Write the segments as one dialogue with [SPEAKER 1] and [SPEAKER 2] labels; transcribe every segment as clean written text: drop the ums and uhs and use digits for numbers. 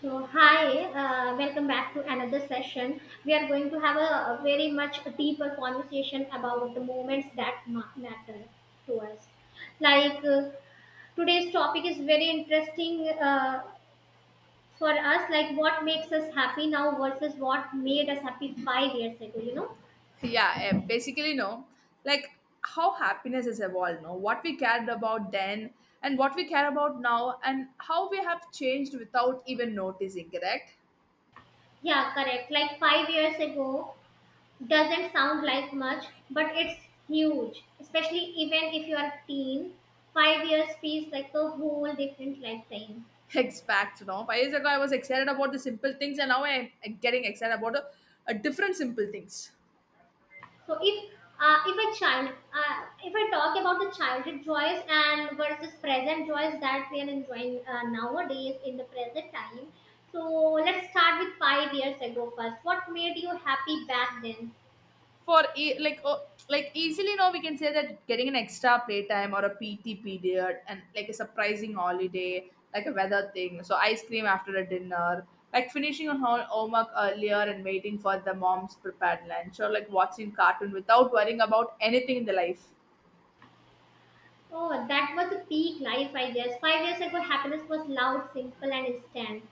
[SPEAKER 1] So, hi, welcome back to another session. We are going to have a very much deeper conversation about the moments that matter to us. Like today's topic is very interesting for us, like what makes us happy now versus what made us happy 5 years ago, you know?
[SPEAKER 2] Yeah, basically, no, like how happiness has evolved, no, what we cared about then and what we care about now, and how we have changed without even noticing, correct?
[SPEAKER 1] Yeah, correct. Like 5 years ago, doesn't sound like much, but it's huge, especially even if you are teen. 5 years feels like a whole different lifetime.
[SPEAKER 2] Ex fact, you know, 5 years ago I was excited about the simple things, and now I'm getting excited about a different simple things.
[SPEAKER 1] So if a if I talk about the childhood joys and versus present joys that we are enjoying nowadays in the present time, so let's start with 5 years ago first. What made you happy back then?
[SPEAKER 2] Like, oh, like easily now we can say that getting an extra playtime or a P T period, and like a surprising holiday, like a weather thing, so ice cream after a dinner, like finishing on homework earlier and waiting for the mom's prepared lunch, or like watching cartoon without worrying about anything in the life.
[SPEAKER 1] Oh, that was a peak life, I guess. 5 years ago, happiness was loud, simple, and instant.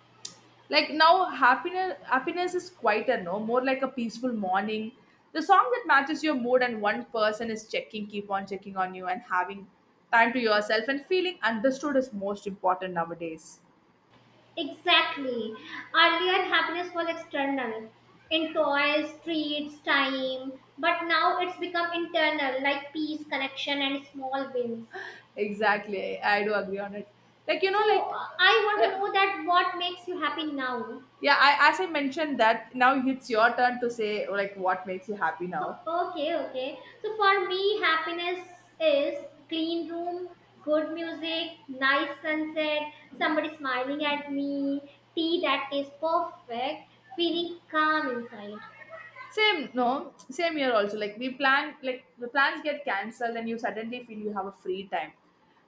[SPEAKER 2] Like now happiness is quieter, no, more like a peaceful morning, the song that matches your mood, and one person is checking on you, and having time to yourself and feeling understood is most important nowadays.
[SPEAKER 1] Exactly. Earlier, happiness was external, in toys, treats, time, but now it's become internal, like peace, connection, and small wins.
[SPEAKER 2] Exactly, I do agree on it. Like, you know, like
[SPEAKER 1] So, I want to
[SPEAKER 2] yeah,
[SPEAKER 1] know that what makes you happy now?
[SPEAKER 2] yeah, as I mentioned, that now it's your turn to say like what makes you happy now.
[SPEAKER 1] Okay, okay. So, for me, happiness is clean room, good music, nice sunset, somebody smiling at me, tea that tastes perfect, feeling calm inside.
[SPEAKER 2] Same, no, same year also. Like we plan, like the plans get cancelled, and you suddenly feel you have a free time,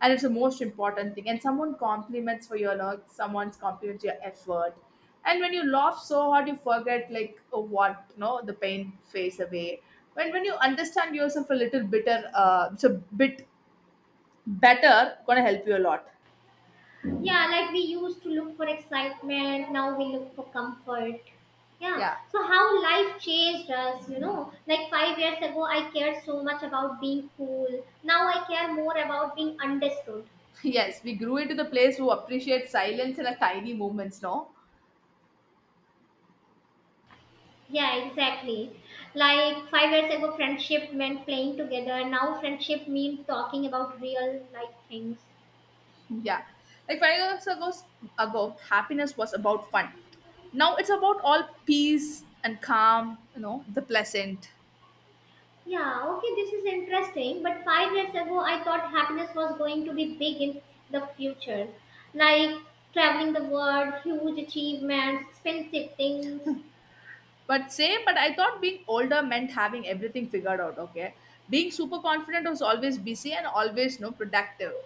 [SPEAKER 2] and it's the most important thing. And someone compliments for your work, someone's compliments your effort, and when you laugh so hard, you forget like what, no, the pain fades away. When you understand yourself a little bitter, it's a bit better, gonna help you a lot.
[SPEAKER 1] Yeah, like we used to look for excitement, now we look for comfort. Yeah,
[SPEAKER 2] Yeah.
[SPEAKER 1] so how life changed us, you know, like 5 years ago I cared so much about being cool, now I care more about being understood.
[SPEAKER 2] Yes, we grew into the place who appreciate silence and a tiny moments, no.
[SPEAKER 1] Yeah, exactly. Like 5 years ago friendship meant playing together, now friendship means talking about real life things.
[SPEAKER 2] Yeah. Like 5 years ago, ago, happiness was about fun. Now it's about all peace and calm, you know, the pleasant.
[SPEAKER 1] Yeah, okay, this is interesting. But 5 years ago, I thought happiness was going to be big in the future, like traveling the world, huge achievements, expensive things.
[SPEAKER 2] But same, but I thought being older meant having everything figured out, okay? Being super confident was always busy and always, no, productive.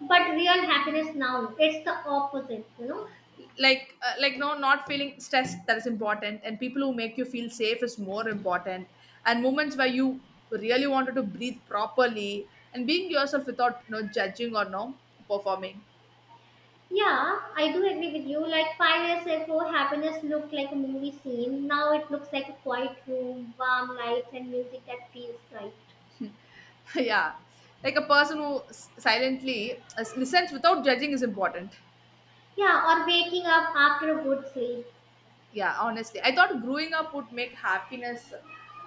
[SPEAKER 1] But real happiness now, it's the opposite, you know.
[SPEAKER 2] Like, like, no, not feeling stressed, that is important. And people who make you feel safe is more important. And moments where you really wanted to breathe properly and being yourself without, no, judging or no, performing.
[SPEAKER 1] Yeah, I do agree with you. Like 5 years ago, happiness looked like a movie scene. Now it looks like a quiet room, warm lights, and music that feels right.
[SPEAKER 2] Yeah, like a person who silently listens without judging is important.
[SPEAKER 1] Yeah, or waking up after a good sleep.
[SPEAKER 2] Yeah, honestly, I thought growing up would make happiness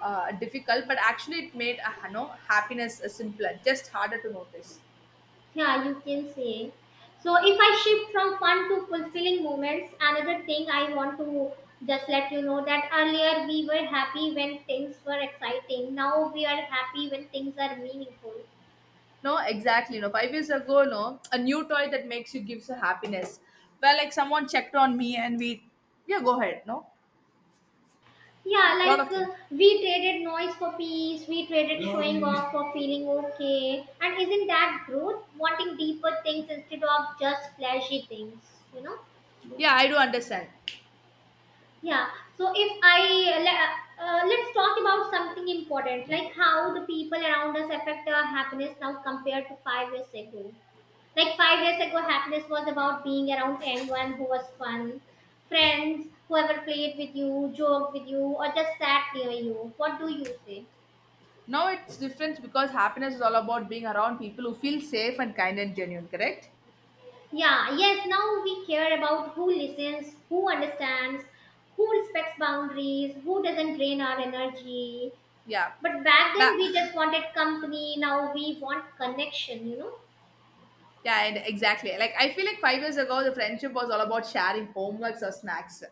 [SPEAKER 2] difficult, but actually it made, you know, happiness simpler, just harder to notice.
[SPEAKER 1] Yeah, you can say. So if I shift from fun to fulfilling moments, another thing I want to just let you know that earlier we were happy when things were exciting. Now we are happy when things are meaningful.
[SPEAKER 2] No, exactly, no, 5 years ago, no, a new toy that makes you gives a happiness, well, like someone checked on me, and we, yeah, go ahead, no.
[SPEAKER 1] Yeah,
[SPEAKER 2] Lot
[SPEAKER 1] like
[SPEAKER 2] of things.
[SPEAKER 1] we traded noise for peace, we traded showing off for feeling okay. And isn't that growth? Wanting deeper things instead of just flashy things, you know?
[SPEAKER 2] Yeah, I do understand.
[SPEAKER 1] Yeah. So if let's talk about something important, like how the people around us affect our happiness now compared to 5 years ago. Like 5 years ago, happiness was about being around anyone who was fun, friends, whoever played with you, joked with you, or just sat near you. What do you say?
[SPEAKER 2] Now it's different because happiness is all about being around people who feel safe and kind and genuine, correct?
[SPEAKER 1] Yeah. Yes. Now we care about who listens, who understands, who respects boundaries, who doesn't drain our energy.
[SPEAKER 2] Yeah.
[SPEAKER 1] But back then
[SPEAKER 2] Ba-
[SPEAKER 1] we just wanted company. Now we want connection. You know.
[SPEAKER 2] yeah, and exactly. Like I feel like 5 years ago, the friendship was all about sharing homeworks or snacks.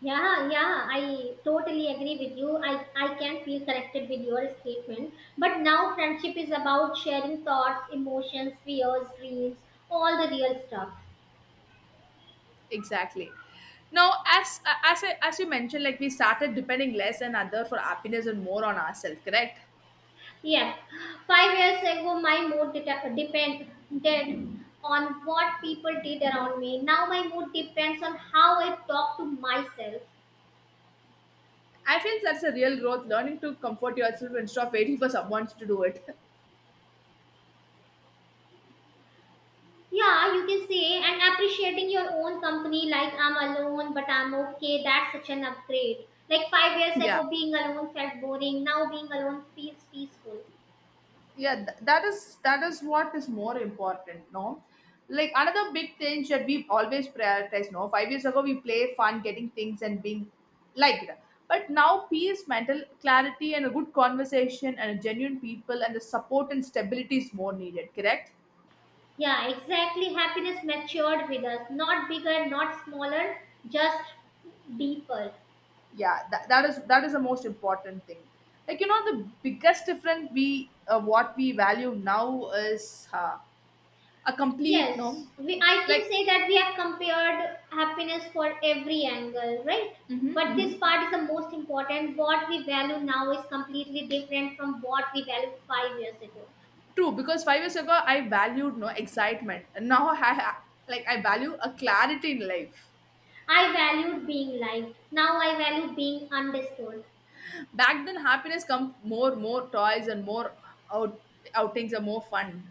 [SPEAKER 1] Yeah, yeah, I totally agree with you. I can feel connected with your statement. But now friendship is about sharing thoughts, emotions, fears, dreams, all the real stuff.
[SPEAKER 2] Exactly. Now, as you mentioned, like we started depending less on other for happiness and more on ourselves, correct?
[SPEAKER 1] Yeah, 5 years ago, my mood depended on what people did around me. Now, my mood depends on how I talk to myself.
[SPEAKER 2] I feel that's a real growth, learning to comfort yourself instead of waiting for someone to do it.
[SPEAKER 1] Yeah, you can say, and appreciating your own company, like I'm alone, but I'm okay. That's such an upgrade. Like 5 years
[SPEAKER 2] Yeah.
[SPEAKER 1] ago, being alone felt boring. Now being alone feels peaceful.
[SPEAKER 2] Yeah, that is, that is what is more important, no, like another big thing that we always prioritize, no, 5 years ago we play fun, getting things and being liked, but now peace, mental clarity, and a good conversation, and a genuine people, and the support and stability is more needed, correct?
[SPEAKER 1] Yeah, exactly. Happiness matured with us, not bigger, not smaller, just deeper.
[SPEAKER 2] Yeah, that is, that is the most important thing. Like, you know, the biggest difference, we, what we value now is, a complete,
[SPEAKER 1] Yes,
[SPEAKER 2] no,
[SPEAKER 1] I can
[SPEAKER 2] like.
[SPEAKER 1] say that we have compared happiness for every angle, right?
[SPEAKER 2] Mm-hmm,
[SPEAKER 1] But this
[SPEAKER 2] mm-hmm.
[SPEAKER 1] part is the most important. What we value now is completely different from what we valued 5 years ago.
[SPEAKER 2] True, because 5 years ago I valued, no, excitement, and now I like I value a clarity in life.
[SPEAKER 1] I valued being liked. Now I value being understood.
[SPEAKER 2] Back then, happiness comes more, more toys and more out- outings and more fun.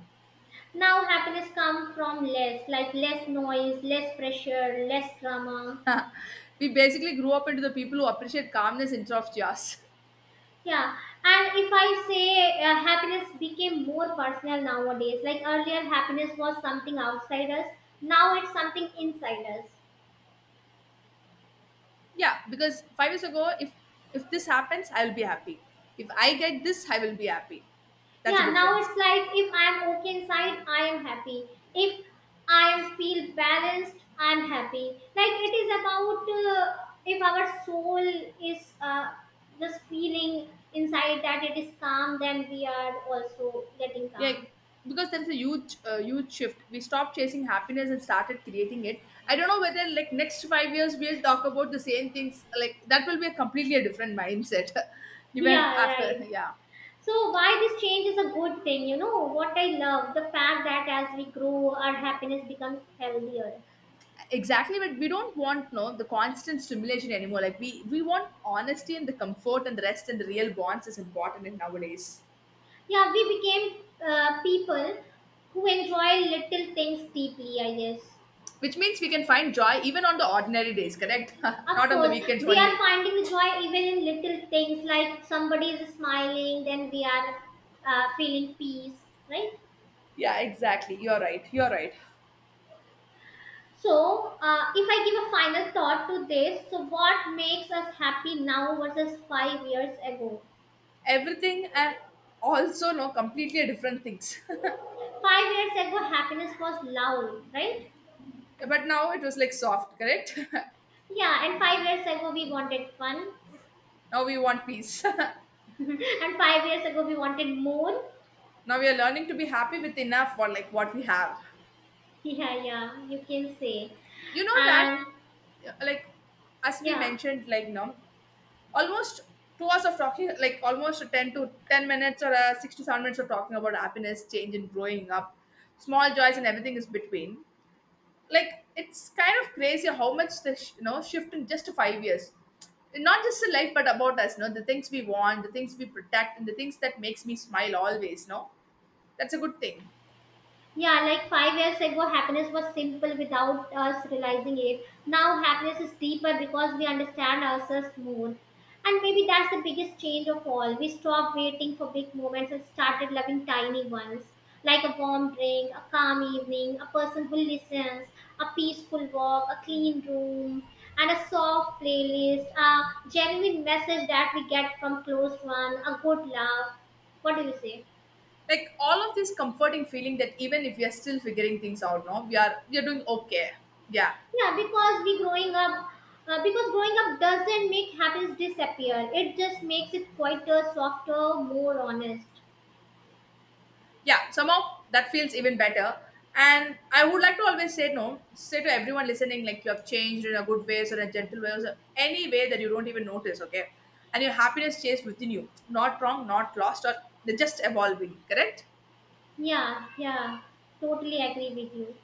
[SPEAKER 1] Now happiness comes from less, like less noise, less pressure, less drama.
[SPEAKER 2] We basically grew up into the people who appreciate calmness instead of chaos.
[SPEAKER 1] Yeah, and if I say happiness became more personal nowadays, like earlier happiness was something outside us, now it's something inside us.
[SPEAKER 2] Yeah, because 5 years ago, if this happens, I will be happy. If I get this, I will be happy. That's the
[SPEAKER 1] Yeah, now
[SPEAKER 2] difference.
[SPEAKER 1] it's like if I'm okay inside, I am happy. If I am feel balanced, I'm happy. Like it is about if our soul is just feeling inside that it is calm, then we are also getting
[SPEAKER 2] Yeah,
[SPEAKER 1] calm.
[SPEAKER 2] because there is a huge, huge shift. We stopped chasing happiness and started creating it. I don't know whether, like, next 5 years we'll talk about the same things, like that will be a completely a different mindset. Even
[SPEAKER 1] Yeah,
[SPEAKER 2] after,
[SPEAKER 1] right.
[SPEAKER 2] yeah.
[SPEAKER 1] So why this change is a good thing, you know? What I love the fact that as we grow our happiness becomes healthier.
[SPEAKER 2] Exactly, but we don't want, no, the constant stimulation anymore. Like we want honesty and the comfort and the rest, and the real bonds is important in nowadays.
[SPEAKER 1] Yeah, we became people who enjoy little things deeply, I guess.
[SPEAKER 2] Which means we can find joy even on the ordinary days, correct?
[SPEAKER 1] Of
[SPEAKER 2] Not on the
[SPEAKER 1] course,
[SPEAKER 2] weekends
[SPEAKER 1] we are
[SPEAKER 2] only.
[SPEAKER 1] finding the joy even in little things, like somebody is smiling, then we are feeling peace, right?
[SPEAKER 2] Yeah, exactly, you're right, you're right.
[SPEAKER 1] So, if I give a final thought to this, so what makes us happy now versus 5 years ago?
[SPEAKER 2] Everything, and also, no, completely different things.
[SPEAKER 1] 5 years ago, happiness was loud, right?
[SPEAKER 2] But now it was like soft, correct.
[SPEAKER 1] Yeah, and 5 years ago, we wanted fun,
[SPEAKER 2] Now we want peace.
[SPEAKER 1] and 5 years ago, we wanted more.
[SPEAKER 2] Now we are learning to be happy with enough, for like what we have.
[SPEAKER 1] Yeah, yeah, you can say.
[SPEAKER 2] You know that,
[SPEAKER 1] And
[SPEAKER 2] like, as we
[SPEAKER 1] yeah.
[SPEAKER 2] mentioned, like, no, almost 2 hours of talking, like almost 10 to 10 minutes or 6 to 7 minutes of talking about happiness change and growing up, small joys, and everything is between. Like it's kind of crazy how much the you know, shift in just 5 years, not just in life but about us, no, the things we want, the things we protect, and the things that makes me smile always, no, that's a good thing.
[SPEAKER 1] Yeah, like 5 years ago, happiness was simple without us realizing it. Now, happiness is deeper because we understand ourselves more. And maybe that's the biggest change of all. We stopped waiting for big moments and started loving tiny ones, like a warm drink, a calm evening, a person who listens, a peaceful walk, a clean room, and a soft playlist, a genuine message that we get from close one, a good laugh. What do you say?
[SPEAKER 2] Like all of this comforting feeling that even if we are still figuring things out, no, we are doing okay. Yeah.
[SPEAKER 1] Yeah, because we growing up, because growing up doesn't make happiness disappear. It just makes it quieter, softer, more honest.
[SPEAKER 2] Yeah, somehow that feels even better. And I would like to always say, no, say to everyone listening, like you have changed in a good ways or a gentle ways, or any way that you don't even notice, okay? And your happiness stays within you, not wrong, not lost, or they're just evolving, correct?
[SPEAKER 1] Yeah, yeah, totally agree with you.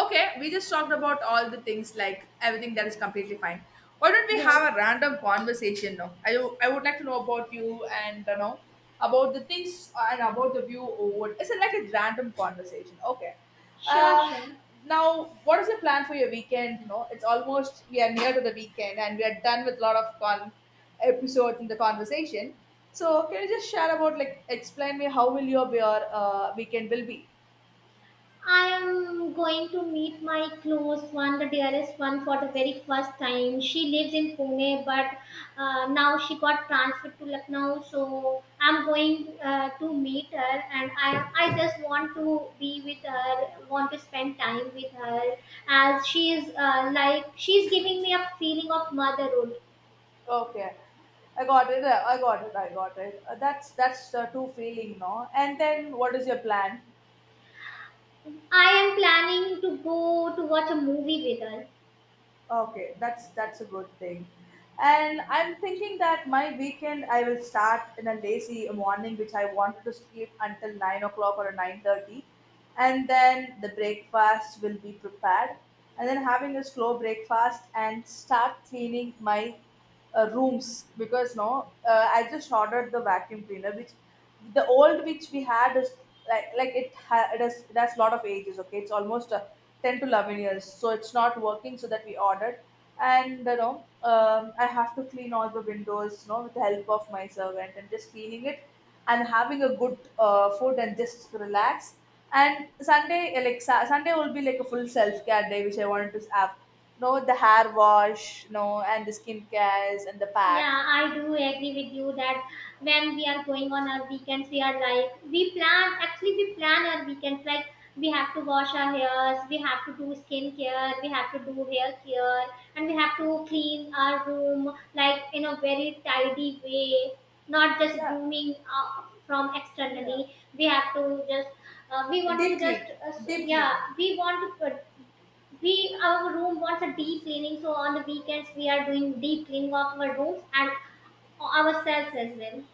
[SPEAKER 2] Okay, we just talked about all the things like everything that is completely fine. Why don't we
[SPEAKER 1] Yes,
[SPEAKER 2] have a random conversation now? I would like to know about you, and you know, about the things and about the view, or what, it's like a random conversation. Okay.
[SPEAKER 1] sure,
[SPEAKER 2] Uh,
[SPEAKER 1] sure.
[SPEAKER 2] Now, what is your plan for your weekend? You know, it's almost, we are near to the weekend and we are done with a lot of con episodes in the conversation. So can you just share about, like, explain me how will your weekend will be?
[SPEAKER 1] I am going to meet my close one, the dearest one, for the very first time. She lives in Pune, but now she got transferred to Lucknow. So I'm going to meet her, and I just want to be with her, want to spend time with her, as she is like she's giving me a feeling of motherhood.
[SPEAKER 2] Okay, I got it. I got it. I got it. That's the true feeling, no? And then what is your plan?
[SPEAKER 1] I am planning to go to watch a movie with her.
[SPEAKER 2] Okay, that's a good thing. And I'm thinking that my weekend I will start in a lazy morning, which I wanted to sleep until 9 o'clock or 9:30, and then the breakfast will be prepared, and then having a slow breakfast and start cleaning my rooms, because, no, I just ordered the vacuum cleaner, which the old which we had is like, it has, it has lot of ages, okay? It's almost 10 to 11 years, so it's not working, so that we ordered. And, you know, I have to clean all the windows, you know, with the help of my servant, and just cleaning it and having a good food, and just relax. And Sunday, like Sunday will be like a full self-care day, which I wanted to have, no, the hair wash, no, and the skin cares and the pack.
[SPEAKER 1] Yeah, I do agree with you that when we are going on our weekends, we are like, we plan, actually, we plan our weekends. Like, we have to wash our hairs, we have to do skincare, we have to do hair care, and we have to clean our room like in a very tidy way, not just
[SPEAKER 2] Yeah,
[SPEAKER 1] grooming from
[SPEAKER 2] yeah.
[SPEAKER 1] externally. We have to just, we want
[SPEAKER 2] Deep
[SPEAKER 1] to just,
[SPEAKER 2] clean,
[SPEAKER 1] s-
[SPEAKER 2] deep
[SPEAKER 1] yeah,
[SPEAKER 2] clean.
[SPEAKER 1] we want to put we Our room wants a deep cleaning, so on the weekends we are doing deep cleaning of our rooms and ourselves as well.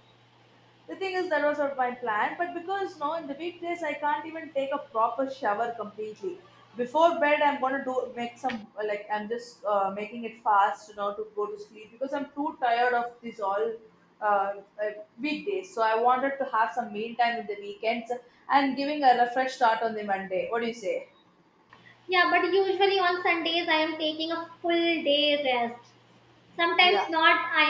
[SPEAKER 2] The thing is, that was not my plan, but because, no, in the weekdays I can't even take a proper shower completely. Before bed, I'm gonna do make some, like, I'm just making it fast, you know, to go to sleep, because I'm too tired of this all, uh, uh, weekdays. So I wanted to have some meal time in the weekends and giving a refresh start on the Monday. What do you say?
[SPEAKER 1] Yeah, but usually on Sundays I am taking a full day rest.
[SPEAKER 2] Yeah.
[SPEAKER 1] sometimes not i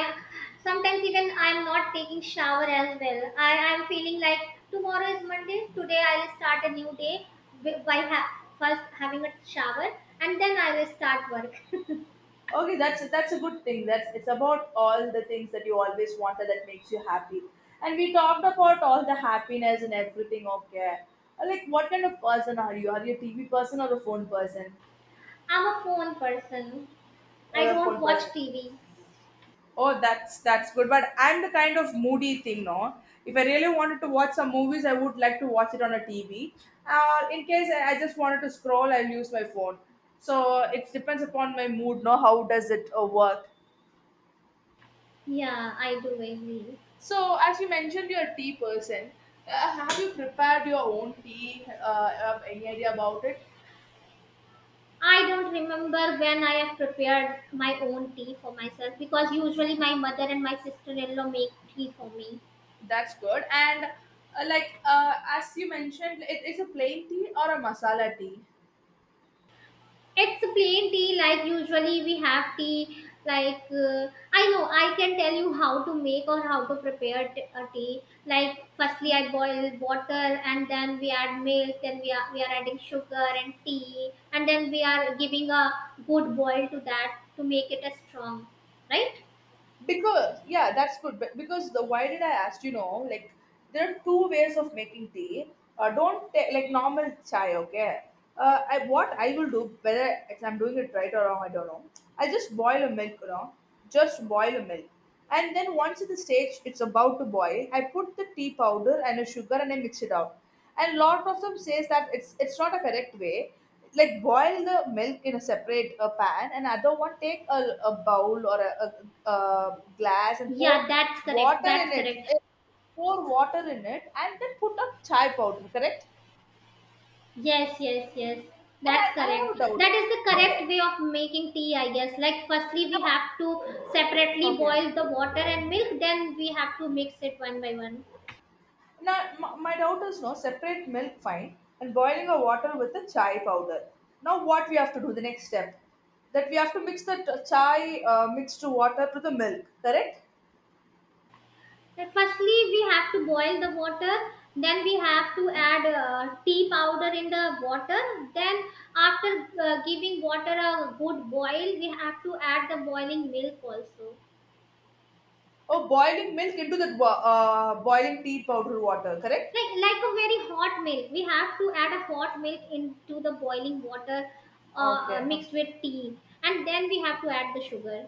[SPEAKER 1] Sometimes even I am not taking shower as well. I am feeling like tomorrow is Monday, today I will start a new day, by first having a shower, and then I will start work.
[SPEAKER 2] Okay, that's a good thing. That's, it's about all the things that you always wanted that makes you happy. And we talked about all the happiness and everything. Okay, like what kind of person are you? Are you a TV person or a phone person?
[SPEAKER 1] I'm a phone person.
[SPEAKER 2] Or
[SPEAKER 1] I
[SPEAKER 2] a
[SPEAKER 1] don't
[SPEAKER 2] phone
[SPEAKER 1] watch
[SPEAKER 2] person?
[SPEAKER 1] TV.
[SPEAKER 2] Oh, that's good. But I'm the kind of moody thing, no. If I really wanted to watch some movies, I would like to watch it on a TV. In case I just wanted to scroll, I'll use my phone. So it depends upon my mood, no. How does it work?
[SPEAKER 1] Yeah, I do agree.
[SPEAKER 2] So, as you mentioned, you're a tea person. Uh, have you prepared your own tea? Have any idea about it?
[SPEAKER 1] I don't remember when I have prepared my own tea for myself, because usually my mother and my sister in law make tea for me.
[SPEAKER 2] That's good. And like, as you mentioned, it's a plain tea or a masala tea.
[SPEAKER 1] It's a plain tea, like usually we have tea. Like, I know I can tell you how to make or how to prepare a tea. Like, firstly, I boil water and then we add milk, then we are adding sugar and tea, and then we are giving a good boil to that to make it a strong, right?
[SPEAKER 2] Because yeah that's good, but because the why did I ask, you know? Like, there are two ways of making tea. Don't take like normal chai, okay. What I will do, whether if I'm doing it right or wrong I don't know, I just boil a milk, you know. Just boil a milk, and then once at the stage it's about to boil I put the tea powder and a sugar and I mix it out. And lot of them says that it's not a correct way. Like, boil the milk in a separate pan, and other one take a bowl, or a glass, and
[SPEAKER 1] Yeah,
[SPEAKER 2] pour
[SPEAKER 1] that's correct.
[SPEAKER 2] water in
[SPEAKER 1] That's
[SPEAKER 2] it.
[SPEAKER 1] correct.
[SPEAKER 2] Pour water in it, and then put up chai powder, correct?
[SPEAKER 1] Yes, yes, yes.
[SPEAKER 2] And
[SPEAKER 1] That's
[SPEAKER 2] I have a
[SPEAKER 1] correct.
[SPEAKER 2] doubt.
[SPEAKER 1] That is the correct
[SPEAKER 2] Okay,
[SPEAKER 1] way of making tea, I guess. Like, firstly, we
[SPEAKER 2] now,
[SPEAKER 1] have to separately
[SPEAKER 2] okay,
[SPEAKER 1] boil the water and milk, then we have to mix it one by one.
[SPEAKER 2] now my doubt is, no, separate milk, fine, and boiling a water with the chai powder. Now what we have to do the next step? That we have to mix the chai mixed water to the milk, correct?
[SPEAKER 1] And firstly, we have to boil the water, then we have to add tea powder in the water. Then, after giving water a good boil, we have to add the boiling milk also.
[SPEAKER 2] Oh, boiling milk into the boiling tea powder water, correct?
[SPEAKER 1] Like a very hot milk, we have to add a hot milk into the boiling water,
[SPEAKER 2] Okay, o-
[SPEAKER 1] mixed with tea, and then we have to add the sugar.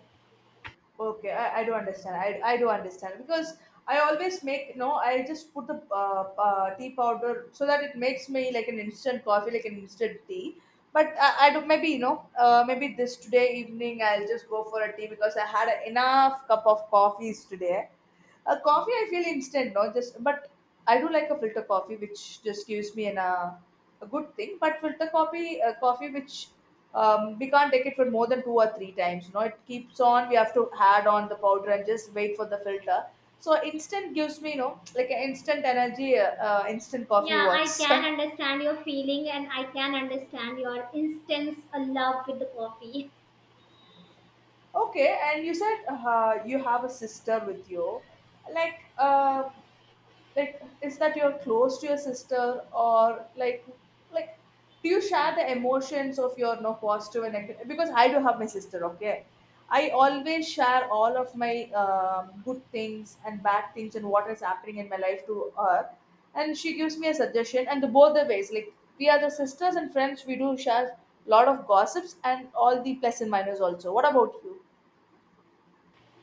[SPEAKER 2] okay, I do understand. I do understand, because I always make, no, I just put the tea powder so that it makes me like an instant coffee, like an instant tea. But I do, maybe you know, maybe this today evening I'll just go for a tea because I had enough cup of coffees today. A coffee, I feel instant, no, just. But I do like a filter coffee, which just gives me an a good thing. But filter coffee, coffee which we can't take it for more than two or three times. You know, it keeps on. We have to add on the powder and just wait for the filter. So instant gives me, you know, like an instant energy. Instant coffee
[SPEAKER 1] Yeah, I
[SPEAKER 2] works.
[SPEAKER 1] can understand your feeling, and I can understand your instance a love with the coffee.
[SPEAKER 2] Okay, and you said you have a sister with you, like. Like, is that you're close to your sister, or like, do you share the emotions of your, no, positive and negative? Because I do have my sister, okay. I always share all of my good things and bad things and what is happening in my life to her, and she gives me a suggestion and the both the ways. Like, we are the sisters and friends, we do share a lot of gossips and all the plus and minus also. What about you?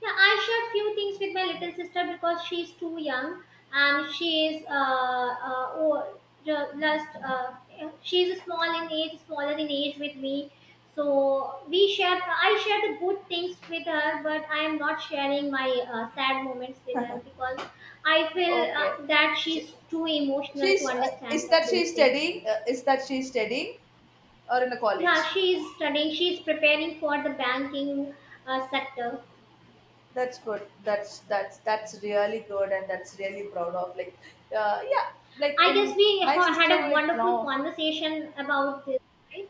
[SPEAKER 1] Yeah, I share few things with my little sister because she's too young, and she is oh, ju- just she's small in age, smaller in age with me. So we share. I share the good things with her, but I am not sharing my sad moments with her, because I feel
[SPEAKER 2] Okay,
[SPEAKER 1] that
[SPEAKER 2] she,
[SPEAKER 1] she's too emotional to
[SPEAKER 2] she's
[SPEAKER 1] understand
[SPEAKER 2] is
[SPEAKER 1] that,
[SPEAKER 2] that
[SPEAKER 1] those
[SPEAKER 2] she's
[SPEAKER 1] things.
[SPEAKER 2] studying, is that she's studying or in a
[SPEAKER 1] Yeah,
[SPEAKER 2] college?
[SPEAKER 1] she is studying. She is preparing for the banking sector.
[SPEAKER 2] That's good, that's, that's really good, and that's really proud of. Like, yeah, like
[SPEAKER 1] I guess
[SPEAKER 2] in
[SPEAKER 1] we
[SPEAKER 2] my
[SPEAKER 1] had
[SPEAKER 2] sister,
[SPEAKER 1] a
[SPEAKER 2] like,
[SPEAKER 1] wonderful
[SPEAKER 2] now,
[SPEAKER 1] conversation about this, right?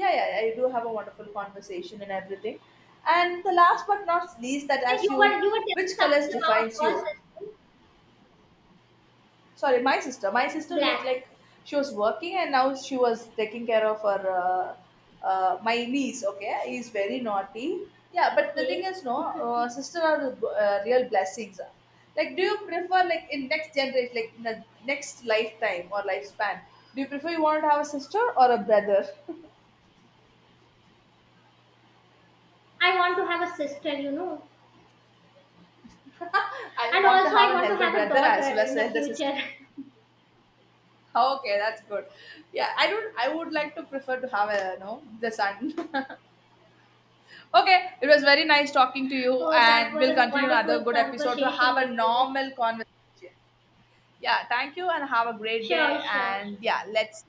[SPEAKER 2] yeah, I do have a wonderful conversation and everything. And the last but not least, that
[SPEAKER 1] And
[SPEAKER 2] as you,
[SPEAKER 1] you were
[SPEAKER 2] which
[SPEAKER 1] telling
[SPEAKER 2] colors
[SPEAKER 1] something about
[SPEAKER 2] defines
[SPEAKER 1] your
[SPEAKER 2] you?
[SPEAKER 1] sister,
[SPEAKER 2] Sorry, my sister, my sister, like
[SPEAKER 1] black.
[SPEAKER 2] like she was working and now she was taking care of her my niece, okay, he's very naughty. Yeah, but the thing
[SPEAKER 1] Okay,
[SPEAKER 2] is, no, sister are the real blessings. Like, do you prefer, like, in next generation, like in the next lifetime or lifespan, do you prefer, you want to have a sister or a brother?
[SPEAKER 1] I want to have a sister, you know,
[SPEAKER 2] I
[SPEAKER 1] and
[SPEAKER 2] want to
[SPEAKER 1] also
[SPEAKER 2] have
[SPEAKER 1] I
[SPEAKER 2] an
[SPEAKER 1] want to
[SPEAKER 2] elder
[SPEAKER 1] have a
[SPEAKER 2] brother as well
[SPEAKER 1] daughter
[SPEAKER 2] as
[SPEAKER 1] in
[SPEAKER 2] an
[SPEAKER 1] the
[SPEAKER 2] elder sister.
[SPEAKER 1] future.
[SPEAKER 2] Okay, that's good. Yeah, I don't. I would like to prefer to have a, no, the son. Okay, it was very nice talking to you,
[SPEAKER 1] Oh, that
[SPEAKER 2] and
[SPEAKER 1] was
[SPEAKER 2] we'll
[SPEAKER 1] a
[SPEAKER 2] continue another
[SPEAKER 1] wonderful
[SPEAKER 2] good episode to
[SPEAKER 1] conversation
[SPEAKER 2] have a
[SPEAKER 1] with you.
[SPEAKER 2] normal conversation. Yeah, thank you, and have a great
[SPEAKER 1] Sure,
[SPEAKER 2] day.
[SPEAKER 1] sure,
[SPEAKER 2] And
[SPEAKER 1] sure.
[SPEAKER 2] yeah, let's